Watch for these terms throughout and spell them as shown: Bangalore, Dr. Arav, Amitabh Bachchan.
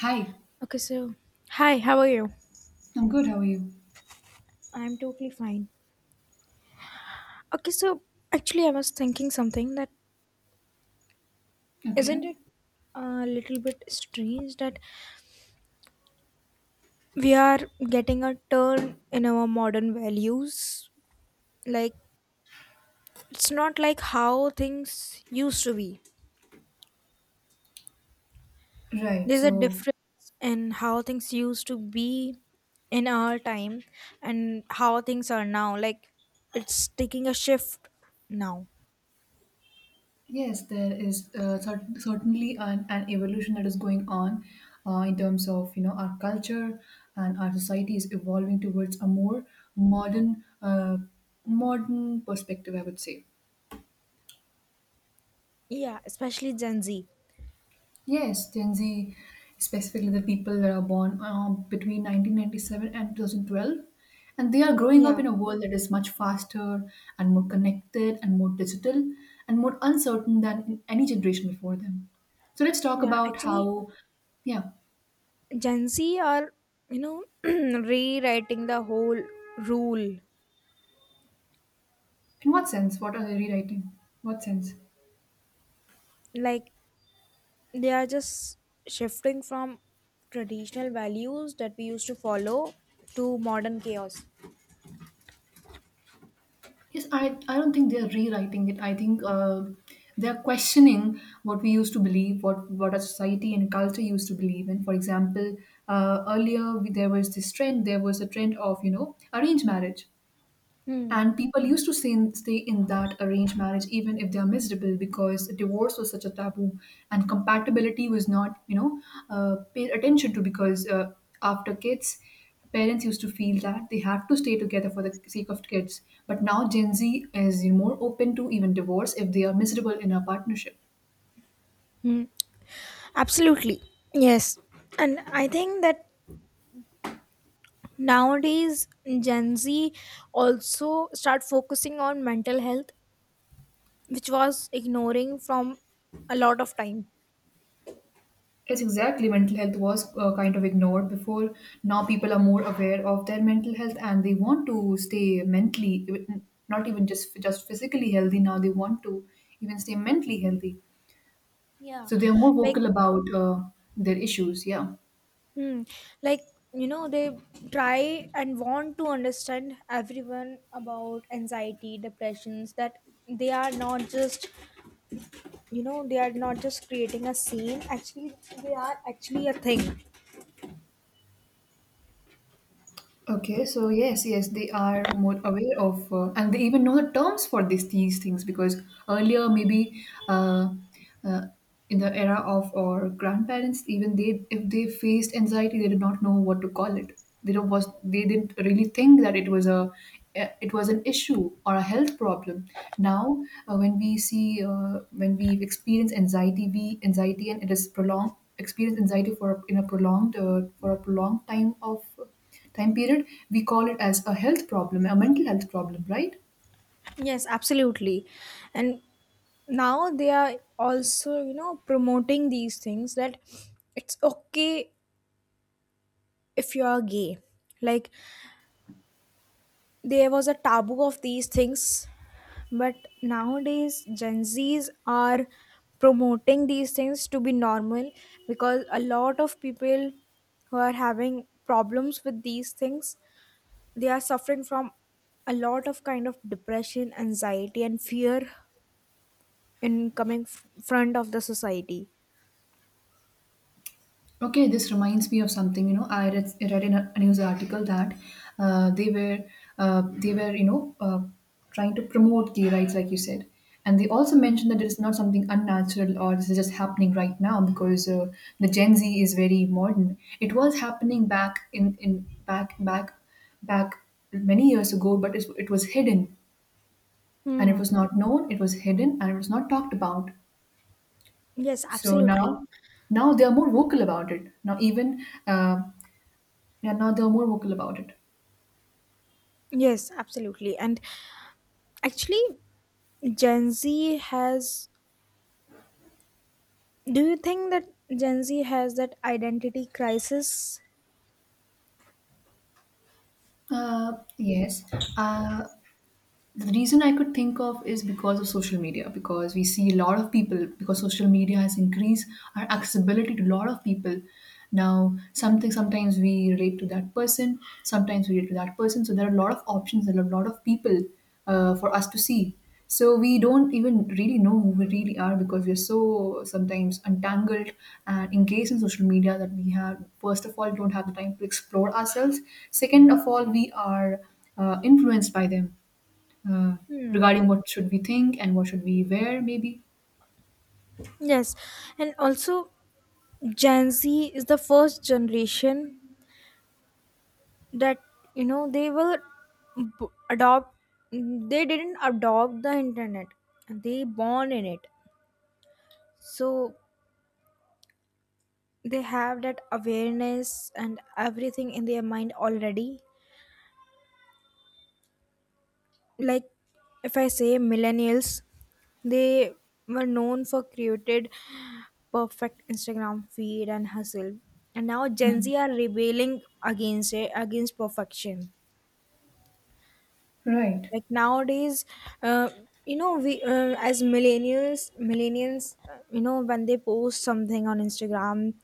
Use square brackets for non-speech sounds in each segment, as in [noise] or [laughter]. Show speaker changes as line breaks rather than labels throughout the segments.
Hi,
Okay, so hi, how are you?
I'm good. How are you?
I'm totally fine. Okay, so actually, I was thinking something that
Okay,
isn't it a little bit strange that we are getting a turn in our modern values? Like, it's not like how things used to be.
right.
There's a
So,
difference in how things used to be in our time and how things are now. Like, it's taking a shift now.
yes, there is certainly an evolution that is going on in terms of you know our culture and our society is evolving towards a more modern uh, modern perspective, I would say.
Yeah, especially Gen Z.
Yes, Gen Z, specifically the people that are born between 1997 and 2012, and they are growing up
Yeah,
in a world that is much faster and more connected and more digital and more uncertain than in any generation before them. So let's talk
yeah.
about
Actually,
how, yeah,
Gen Z are, [clears throat] rewriting the whole rule.
in what sense? What are they rewriting? What sense?
Like they are just shifting from traditional values that we used to follow to modern chaos.
Yes, I don't think they're rewriting it. I think they're questioning what we used to believe, what our society and culture used to believe in. For example, earlier we, there was a trend of, you know, arranged marriage.
Hmm.
And people used to stay in that arranged marriage even if they are miserable because divorce was such a taboo and compatibility was not, you know, paid attention to because after kids, parents used to feel that they have to stay together for the sake of kids. But now Gen Z is more open to even divorce if they are miserable in a partnership.
Hmm. Absolutely. Yes. And I think that nowadays Gen Z also start focusing on mental health, which was ignoring from a lot of time.
Yes, exactly. Mental health was kind of ignored before. Now people are more aware of their mental health and they want to stay mentally, not even just physically healthy. Now they want to even stay mentally healthy.
Yeah.
So they are more
Like,
vocal about their issues. Yeah.
hmm. Like, they try and want to understand everyone about anxiety, depressions, that they are not just, creating a scene. Actually, they are actually a thing.
Okay, so yes, yes, they are more aware of, and they even know the terms for these things because earlier maybe uh, in the era of our grandparents, even they if they faced anxiety, they did not know what to call it. They don't was they didn't really think that it was a it was an issue or a health problem. Now, when we experience anxiety, we anxiety and it is prolonged experience anxiety for in a prolonged for a prolonged time of time period we call it as a health problem, a mental health problem, right?
Yes, absolutely. And now they are also, promoting these things that it's okay if you are gay. Like, there was a taboo of these things. But nowadays, Gen Zs are promoting these things to be normal because a lot of people who are having problems with these things, they are suffering from a lot of kind of depression, anxiety, and fear in coming front of the society.
Okay, this reminds me of something. I read in a news article that uh, they were they were trying to promote gay rights, like you said, and they also
Hmm.
mentioned that it is not something unnatural or this is just happening right now because the Gen Z is very modern. It was happening back in back back back many years ago, but it was hidden and it
Hmm.
was not known, it was hidden and it was not talked about.
Yes,
So
absolutely.
now, they are more vocal about it. Now even yeah, now they are more vocal about it.
Yes, absolutely. And actually, Gen Z has. Do you think that Gen Z has that identity crisis?
Yes. Uh, the reason I could think of is because of social media, because we see a lot of people, because social media has increased our accessibility to a lot of people. Now, something sometimes we relate to that person, sometimes we relate to that person. So there are a lot of options and a lot of people for us to see. So we don't even really know who we really are because we're so sometimes entangled and engaged in social media that we have first of all don't have the time to explore ourselves. Second of all, we are influenced by them uh,
Hmm.
regarding what should we think and what should we wear maybe.
Yes, and also Gen Z is the first generation that they will adopt. They didn't adopt the internet; they born in it, so they have that awareness and everything in their mind already. Like if I say millennials, they were known for created perfect Instagram feed and hustle, and now Gen
hmm.
Z are rebelling against it, against perfection.
Right.
Like nowadays, uh, we, as millennials, when they post something on Instagram,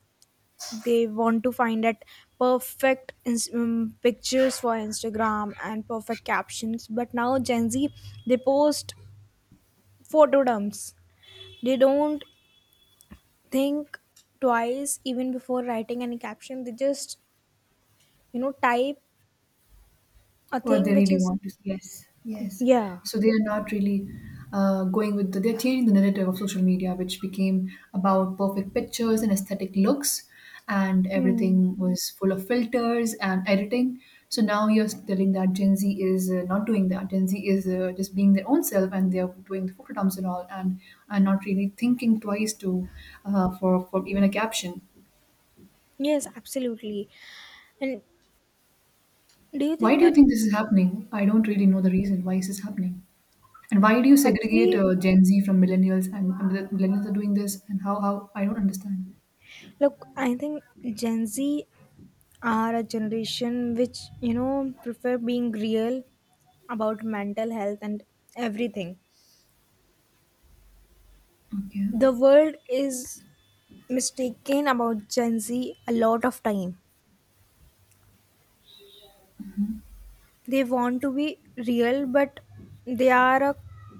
they want to find that perfect pictures for Instagram and perfect captions, but now Gen Z, they post photo dumps. They don't think twice even before writing any caption. They just, type a
What
thing
they
which
really
is,
want to see. Yes, yes,
yeah.
so they are not really going with the, they're changing the narrative of social media, which became about perfect pictures and aesthetic looks, and
Hmm.
everything was full of filters and editing. So now you're telling that Gen Z is not doing that, Gen Z is just being their own self and they're doing the photo dumps and all, and not really thinking twice to for even a caption.
Yes, absolutely. And do you
Why
think
do you
that
think this is happening? I don't really know the reason why this is happening. And why do you segregate
actually,
Gen Z from millennials, and the millennials are doing this, and how I don't understand.
look, I think Gen Z are a generation which, prefer being real about mental health and everything.
Okay.
The world is mistaken about Gen Z a lot of time. They want to be real, but they are a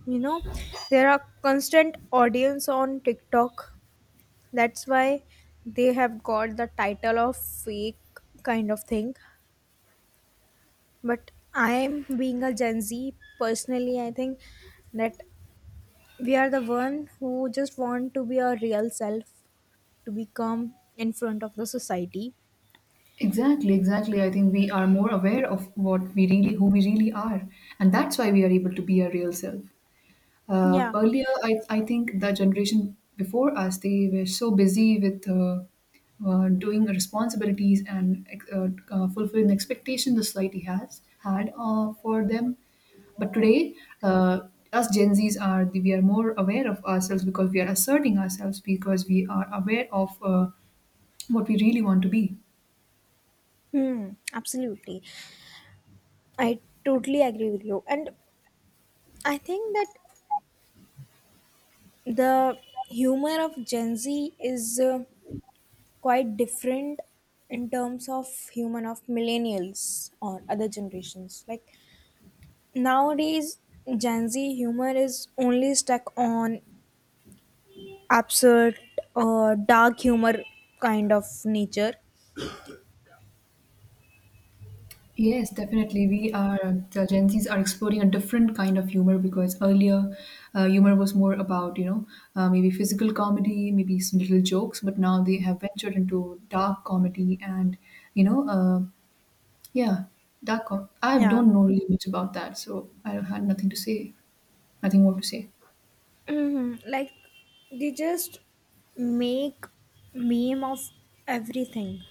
you know there are constant audience on TikTok, that's why they have got the title of fake kind of thing. But I'm being a Gen Z personally, I think that we are the one who just want to be our real self to become in front of the society.
Exactly, exactly. I think we are more aware of what we really, who we really are, and that's why we are able to be our real self. Uh,
Yeah.
earlier, I, I think the generation before us, they were so busy with doing responsibilities and uh, fulfilling expectations the society has had for them. But today, us Gen Zs are, we are more aware of ourselves because we are asserting ourselves, because we are aware of what we really want to be.
Hmm, absolutely. I totally agree with you. And I think that the humor of Gen Z is quite different in terms of human of millennials or other generations. Like nowadays, Gen Z humor is only stuck on absurd or dark humor kind of nature.
Yes, definitely. We are, the Gen Zs are exploring a different kind of humor because earlier humor was more about you know maybe physical comedy, maybe some little jokes, but now they have ventured into dark comedy and you know yeah, dark. I
Yeah.
don't know really much about that, so I had nothing to say, nothing more to say.
Mhm. Like they just make meme of everything,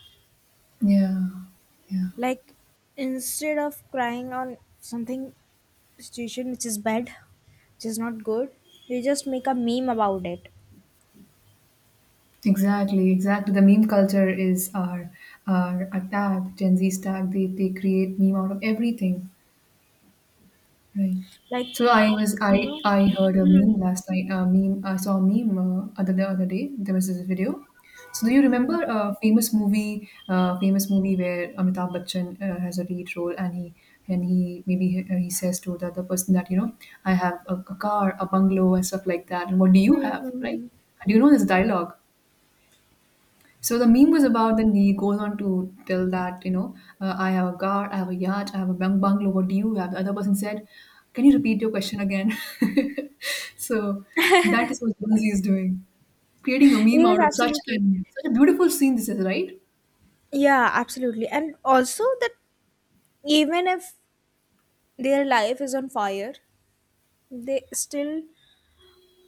Yeah, yeah,
like instead of crying on something situation which is bad, which is not good, they just make a meme about it,
exactly, exactly. The meme culture is our tag, Gen Z's tag. They create meme out of everything. Right.
like
So I was
you know
I heard a
Hmm,
meme last night. A meme I saw a meme other the other day. There was this video. So do you
hmm,
remember a famous movie? Famous movie where Amitabh Bachchan has a lead role, and he maybe he says to the other person that, you know, I have a car, a bungalow, and stuff like that. And what do you
hmm, hmm,
have? Right?
hmm.
Do you know this dialogue? So the meme was about, then he goes on to tell that, you know, I have a car, I have a yacht, I have a bungalow, what do you have? The other person said, can you repeat your question again? [laughs] So that is what Gen Z is doing. Creating a meme
Yes,
out of such
absolutely.
an such a beautiful scene, this is, right?
Yeah, absolutely. And also that even if their life is on fire, they still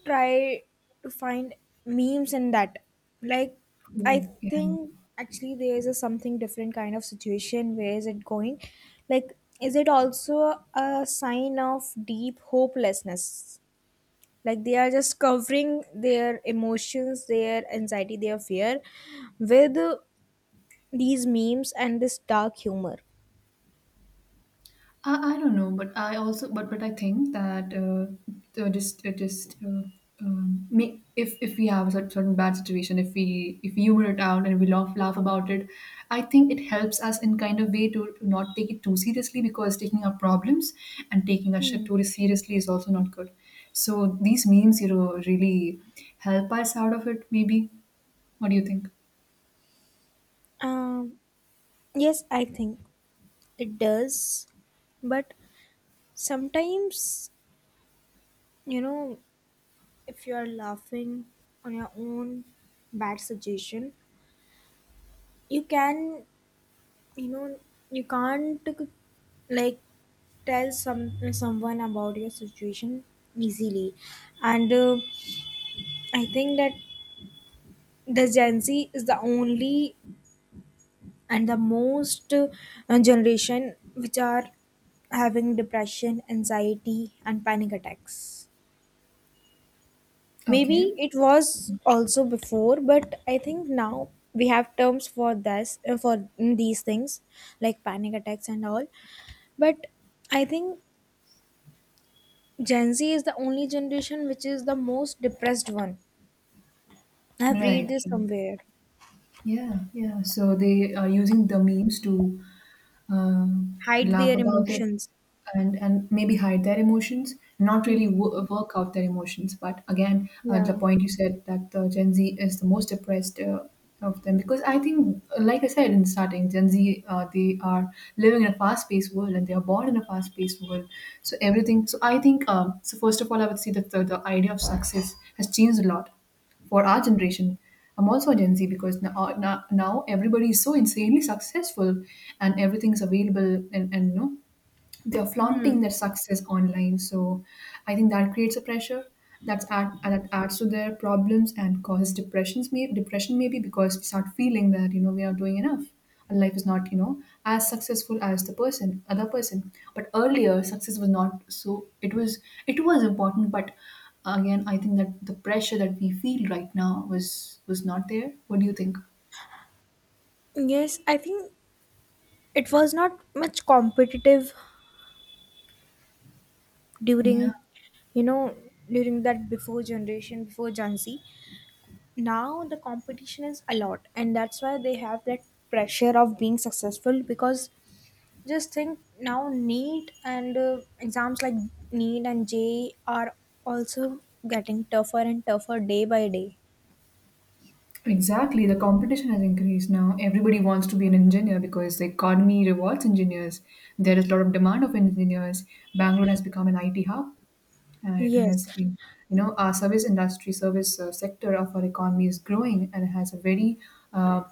try to find memes in that. Like, I
Oh, yeah.
think actually there is a something different kind of situation. Where is it going? Like, is it also a sign of deep hopelessness? Like, they are just covering their emotions, their anxiety, their fear with these memes and this dark humor.
I don't know, but I also but I think that just make, if we have a certain bad situation, if we humor it out and we laugh about it, I think it helps us in kind of way to not take it too seriously because taking our problems and taking our shit
Hmm.
too seriously is also not good. So these memes, you know, really help us out of it. Maybe what do you think?
Um, yes, I think it does. But sometimes, you know, if you're laughing on your own bad suggestion, you can you know you can't, like, tell someone about your situation easily. And I think that the Gen Z is the only and the most generation which are having depression, anxiety and panic attacks.
Okay.
Maybe it was also before, but I think now we have terms for this for these things like panic attacks and all. But I think Gen Z is the only generation which is the most depressed one. I've read
Right.
this somewhere.
Yeah, yeah. So they are using the memes to
Hide
laugh
their
about it
emotions.
and maybe hide their emotions, not really
Hmm.
work out their emotions. But again, the
Yeah.
point you said that the Gen Z is the most depressed of them because I think, like I said in the starting, Gen Z they are living in a fast-paced world and they are born in a fast-paced world. So everything. So I think. So first of all, I would say that the idea of success has changed a lot for our generation. I'm also a Gen Z because now everybody is so insanely successful and everything's available, and you know, they're flaunting their success online. So I think that creates a pressure that adds to their problems and causes depression maybe because we start feeling that, you know, we are doing enough and life is not, you know, as successful as the person other person, but earlier success was not, so it was important, but again, I think that the pressure that we feel right now was not there. What do you think?
Yes, I think it was not much competitive
Yeah.
during, you know, during that before generation, before Gen Z. Now the competition is a lot, and that's why they have that pressure of being successful, because just think now neat and exams like neat and j are also getting tougher and tougher day by day.
Exactly, the competition has increased now. Everybody wants to be an engineer because the economy rewards engineers. There is a lot of demand of engineers. Bangalore has become an IT hub, and it
Yes.
has been, you know, our service industry, service sector of our economy is growing and has a very, uh,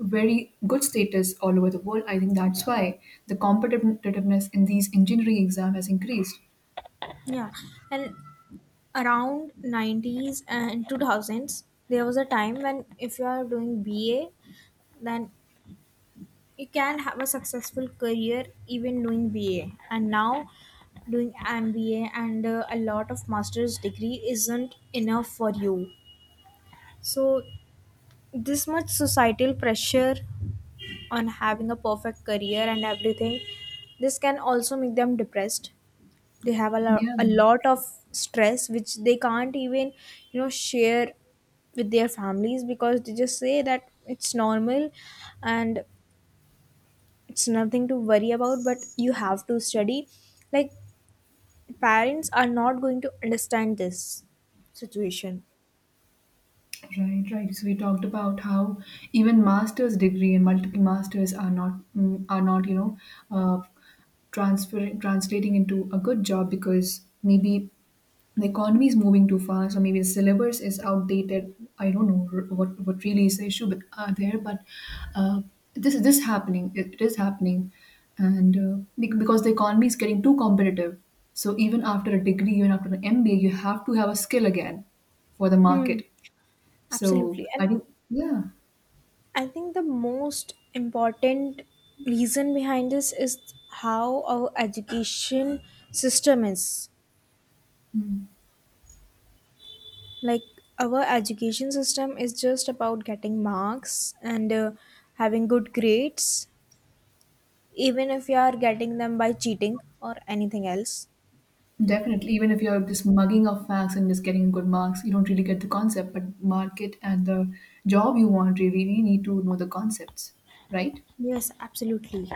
very good status all over the world. I think that's why the competitiveness in these engineering exam has increased.
Yeah. And around '90s and 2000s there was a time when if you are doing BA, then you can have a successful career even doing BA, and now doing MBA and a lot of master's degree isn't enough for you. So this much societal pressure on having a perfect career and everything, this can also make them depressed. They have a, lo-
Yeah.
a lot of stress which they can't even share with their families, because they just say that it's normal and it's nothing to worry about, but you have to study. Like parents are not going to understand this situation.
Right, right. So we talked about how even master's degree and multiple masters are not uh, transfer translating into a good job because maybe the economy is moving too fast or maybe the syllabus is outdated. I don't know what really is the issue, but there. But uh, this is this happening. It is happening, and because the economy is getting too competitive. So even after a degree, even after an MBA, you have to have a skill again for the
Hmm.
market, so
Absolutely. And
I think, yeah,
I think the most important reason behind this is how our education system is.
mm,
Like our education system is just about getting marks and having good grades, even if you are getting them by cheating or anything else.
definitely. Even if you're just mugging off facts and just getting good marks, you don't really get the concept. But market and the job you want really need to know the concepts, right?
Yes, absolutely.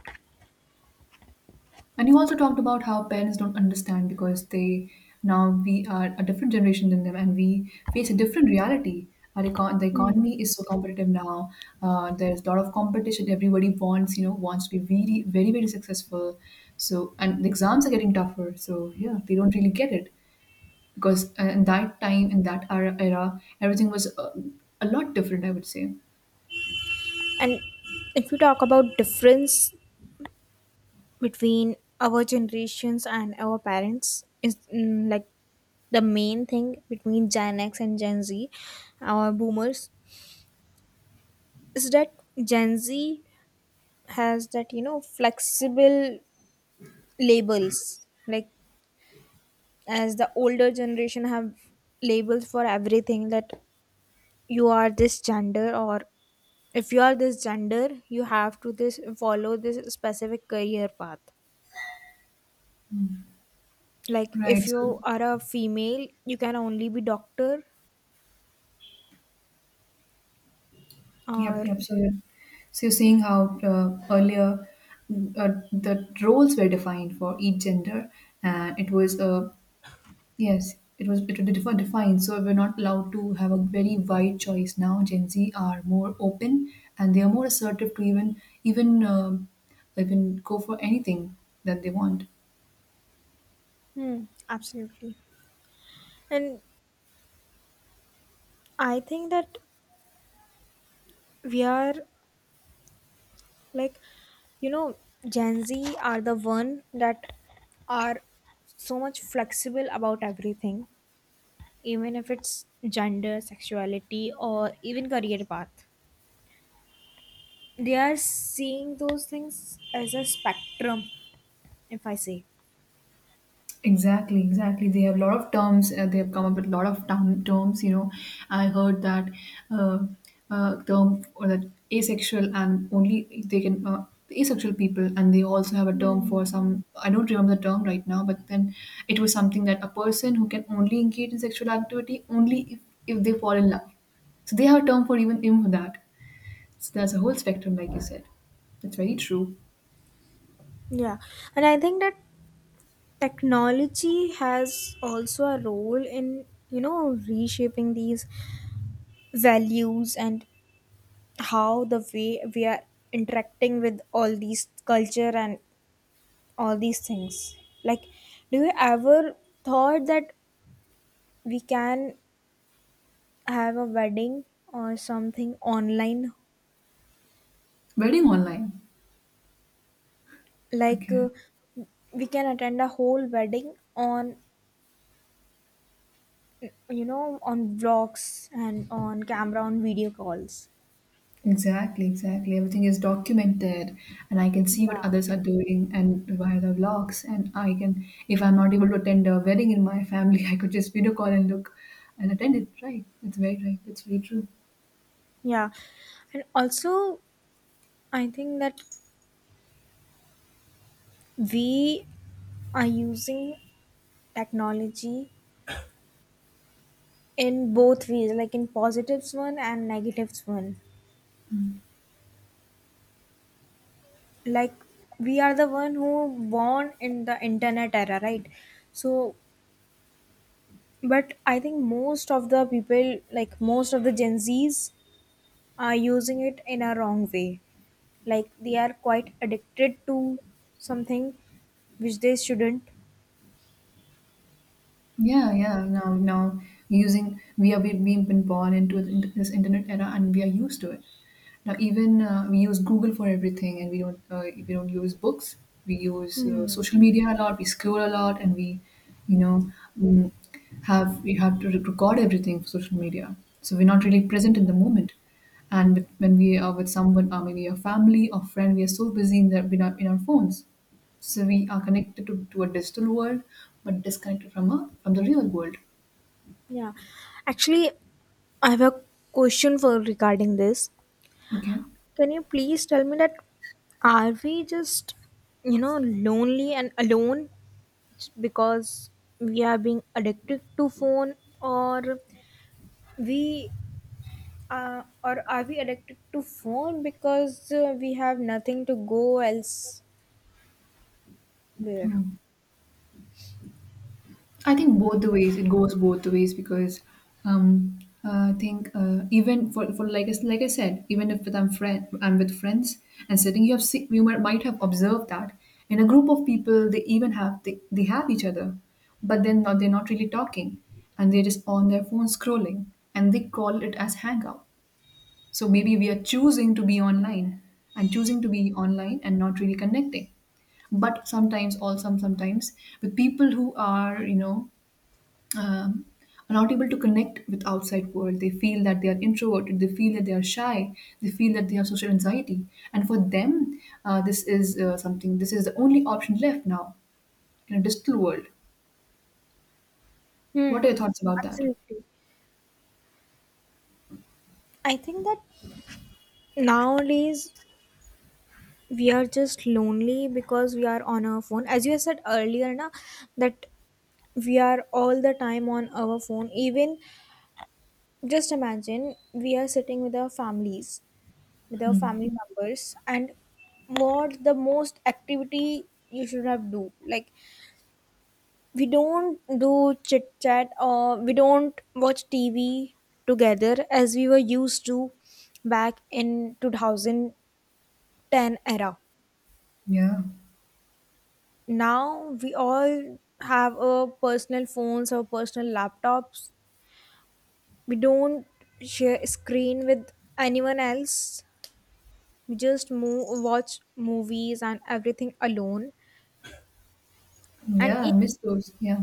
And you also talked about how parents don't understand because they now we are a different generation than them, and we face a different reality. The
Hmm.
economy is so competitive now. There's a lot of competition. Everybody wants, you know, wants to be very, very, very successful. So, and the exams are getting tougher. So, yeah, they don't really get it because in that time, in that era everything was a lot different, I would say.
And if we talk about difference between our generations and our parents is like the main thing between Gen X and Gen Z, our boomers, is that Gen Z has that flexible labels. Like, as the older generation have labels for everything, that you are this gender, or if you are this gender you have to this follow this specific career path, like
Right.
if
So
you are a female you can only be doctor
yep,
or.
yep. So you're seeing how earlier the roles were defined for each gender, and it was yes, defined. So we're not allowed to have a very wide choice now. Gen Z are more open, and they are more assertive to even even go for anything that they want.
Hmm, absolutely. And I think that we are like you know Gen Z are the one that are so much flexible about everything, even if it's gender sexuality or even career path, they are seeing those things as a spectrum, if I say.
Exactly, exactly. They have a lot of terms. They have come up with a lot of terms. You know, I heard that uh, term or that asexual and only they can asexual people, and they also have a term
Hmm.
for some. I don't remember the term right now, but then it was something that a person who can only engage in sexual activity only if they fall in love. So they have a term for even even for that. So there's a whole spectrum, like you said. That's very true.
Yeah, and I think that technology has also a role in reshaping these values and how the way we are interacting with all these culture and all these things. Like do you ever thought that we can have a wedding or something online,
Wedding online.
like
Okay.
we can attend a whole wedding on on vlogs and on camera on video calls.
Exactly, exactly. Everything is documented, and I can see what
Yeah.
others are doing and via the vlogs. And I can, if I'm not able to attend a wedding in my family, [laughs] I could just video call and look and attend it. Right? That's very right. That's very true.
Yeah, and also I think that we are using technology in both ways, like in positives one and negatives one. Like we are the one who born in the internet era, right? So, but I think most of the people, like most of the Gen Zs, are using it in a wrong way. Like they are quite addicted to something which they shouldn't.
Yeah, yeah. Now, using we are we've been born into this internet era, and we are used to it. Now, even we use Google for everything, and we don't use books. We use
Hmm.
social media a lot. We scroll a lot, and we, you know, mm, have we have to record everything for social media. So we're not really present
Yeah.
in the moment. And with, when we are with someone, or maybe a family or friend, we are so busy in that with our, in our phones. So we are connected to a digital world, but disconnected from a from the real world.
Yeah. Actually, I have a question for regarding this.
Okay.
Can you please tell me that are we just lonely and alone because we are being addicted to phone? Or we or are we addicted to phone because we have nothing to go elsewhere?
So I think both the ways it goes both the ways because um, I think even for like like I said, even if with I'm friend I'm with friends and sitting, you have see, might have observed that in a group of people they even have they have each other, but then not, they're not really talking and they're just on their phone scrolling and they call it as hangout. So maybe we are choosing to be online and choosing to be online and not really connecting. But sometimes, also sometimes, with people who are, you know, um, are not able to connect with outside world. They feel that they are introverted. They feel that they are shy. They feel that they have social anxiety. And for them, this is something. This is the only option left now in a digital world. What are
Hmm.
your thoughts about that?
Absolutely. I think that nowadays we are just lonely because we are on our phone. As you said earlier, na, that we are all the time on our phone. Even just imagine, we are sitting with our families with our family members, and what the most activity you should have do? Like we don't do chit chat or we don't watch TV together as we were used to back in 2010 era.
Yeah,
Now we all have our personal phones, our personal laptops. We don't share a screen with anyone else. We just move, watch movies and everything alone. And
yeah, I
it,
miss those. Yeah.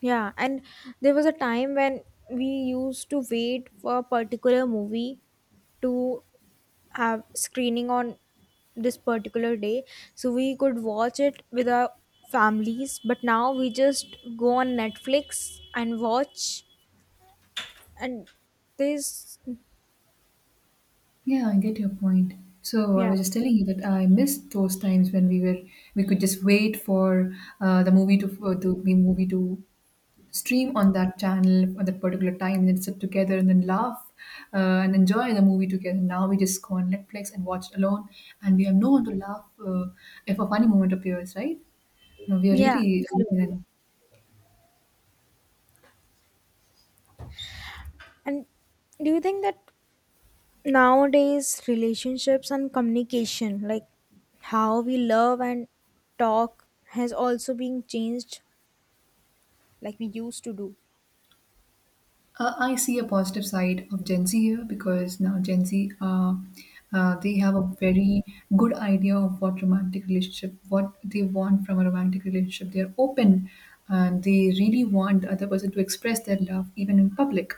yeah. And there was a time when we used to wait for a particular movie to have screening on this particular day, so we could watch it with our families. But now we just go on Netflix and watch. And there's.
Yeah, I get your point. So I
Yeah.
was just telling you that I missed those times when we were we could just wait for the movie to for the movie to stream on that channel at that particular time, and then sit together and then laugh and enjoy the movie together. Now we just go on Netflix and watch alone, and we have no one to laugh if a funny moment appears, right? No, we are
Yeah,
really alone
absolutely.
and
And do you think that nowadays, relationships and communication, like how we love and talk, has also been changed like we used to do.
I see a positive side of Gen Z here because now Gen Z, are they have a very good idea of what romantic relationship, what they want from a romantic relationship. They are open and they really want the other person to express their love even in public.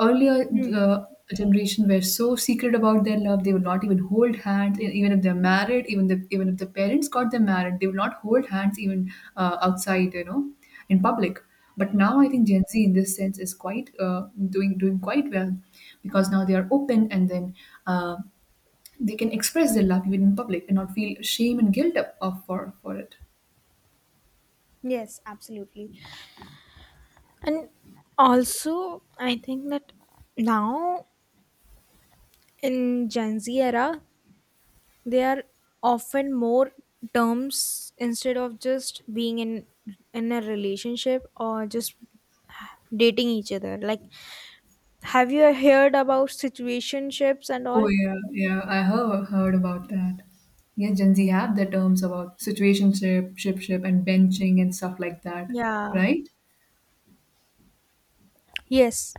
Earlier
Hmm.
the generation were so secret about their love. They would not even hold hands, even if they're married, even if the parents got them married, they would not hold hands even outside, you know, in public. But now I think Gen Z in this sense is quite doing quite well, because now they are open, and then uh, they can express their love even in public and not feel shame and guilt of for it.
Yes, absolutely. And also, I think that now in Gen Z era, there are often more terms instead of just being in a relationship or just dating each other. Like, have you heard about situationships and all?
Oh yeah, yeah. I have heard about that. Yeah, Gen Z have the terms about situationship, ship, and benching and stuff like that,
Yeah.
right?
Yes.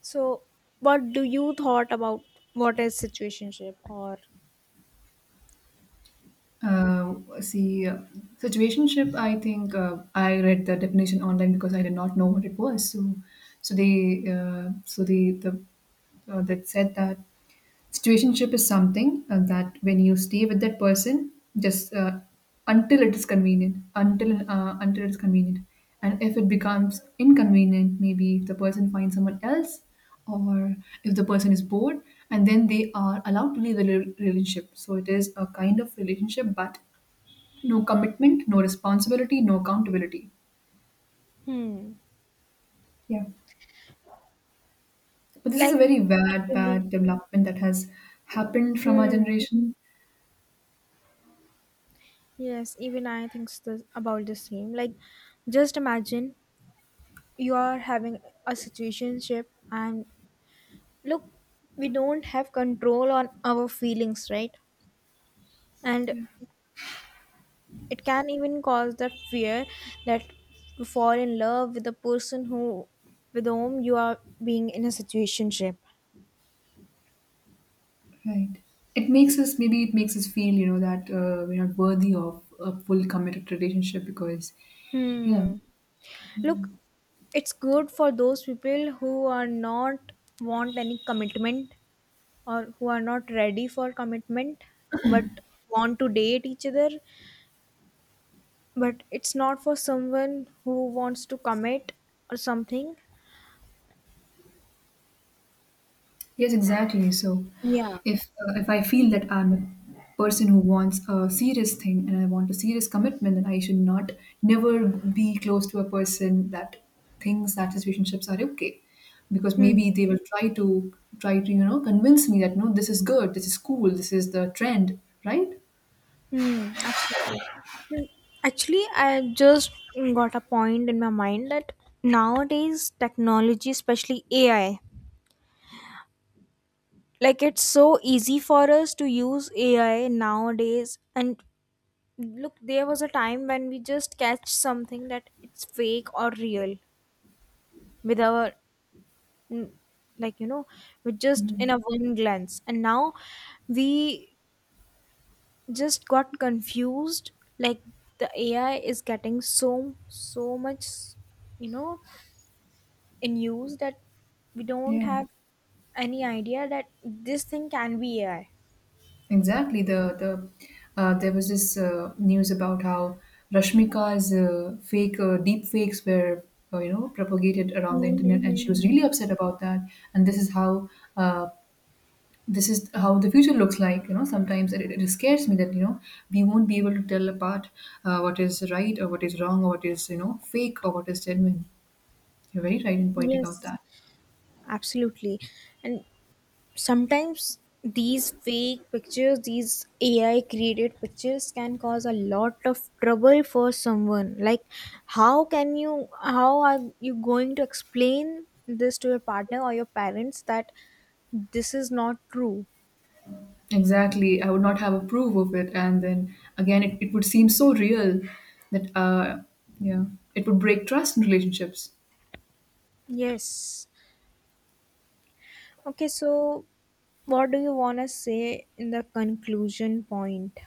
So, what do you thought about what is situationship or.
Uh, see, situationship. I think I read the definition online because I did not know what it was. So, so they, so the that said that situationship is something that when you stay with that person, just until it is convenient, until it is convenient, and if it becomes inconvenient, maybe if the person finds someone else, or if the person is bored, and then they are allowed to leave the relationship. So it is a kind of relationship, but no commitment, no responsibility, no accountability.
Hmm.
Yeah, but this is a
Like,
very bad,
actually,
bad development that has happened from our
hmm,
generation.
yes, even I think this, about the same. Like, just imagine you are having a situationship, and look, we don't have control on our feelings, right? And it can even cause that fear that you fall in love with the person who with whom you are being in a situationship.
Right. It makes us, maybe it makes us feel, you know, that we're not worthy of a full committed relationship because yeah.
Hmm.
Mm.
Look, it's good for those people who are not want any commitment, or who are not ready for commitment but want to date each other. But it's not for someone who wants to commit or something.
Yes, exactly. So
Yeah.
if I feel that I'm a person who wants a serious thing and I want a serious commitment, then I should not never be close to a person that thinks that his relationships are okay, because
Hmm.
maybe they will try to try to, you know, convince me that no, this is good, this is cool, this is the trend, right?
Hmm. Absolutely. Hmm. Actually, I just got a point in my mind that nowadays technology, especially AI, like it's so easy for us to use AI nowadays. And look, there was a time when we just catch something that it's fake or real with our, mm, like, you know, with just in
Mm.
a one glance. And now we just got confused. Like, the AI is getting so, so much, you know, in use that we don't
Yeah.
have any idea that this thing can be AI.
Exactly. There was this news about how Rashmika's fake deep fakes were you know propagated around the internet, and she was
Hmm.
really upset about that. And uh, this is how the future looks like. You know, sometimes it, it scares me that you know we won't be able to tell apart what is right or what is wrong or what is you know fake or what is genuine. You're very right in pointing out
Yes.
that.
Absolutely. And sometimes these fake pictures, these AI created pictures can cause a lot of trouble for someone. Like, how are you going to explain this to your partner or your parents that this is not true?
Exactly. I would not have approved of it. And then again, it would seem so real that, yeah, it would break trust in relationships.
Yes. Okay, so what do you want to say in the conclusion point?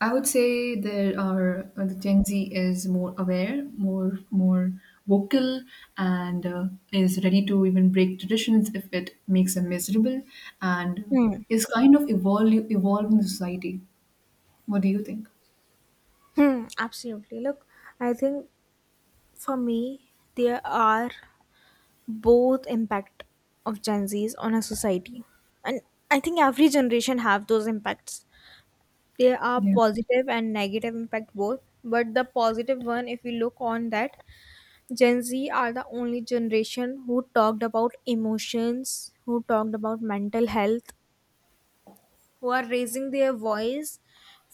I would say there are, the Gen Z is more aware, more, more vocal, and is ready to even break traditions if it makes them miserable, and
Hmm.
is kind of evolving the society. What do you think?
Hmm, absolutely. Look, I think for me, there are both impact of Gen Z's on a society. And I think every generation have those impacts. There are
Yeah,
positive and negative impact both, but the positive one, if we look on that, Gen Z are the only generation who talked about emotions, who talked about mental health, who are raising their voice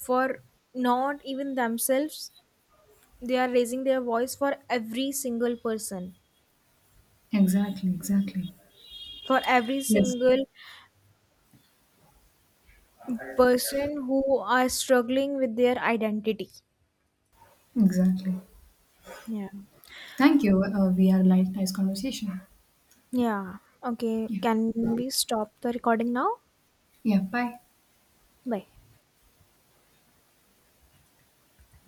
for not even themselves. They are raising their voice for every single person,
exactly, exactly.
for every
Yes,
single person who are struggling with their identity.
exactly.
Yeah.
Thank you. We had a nice conversation.
Yeah. Okay.
Yeah,
Can we stop the recording now?
yeah. Bye.
Bye.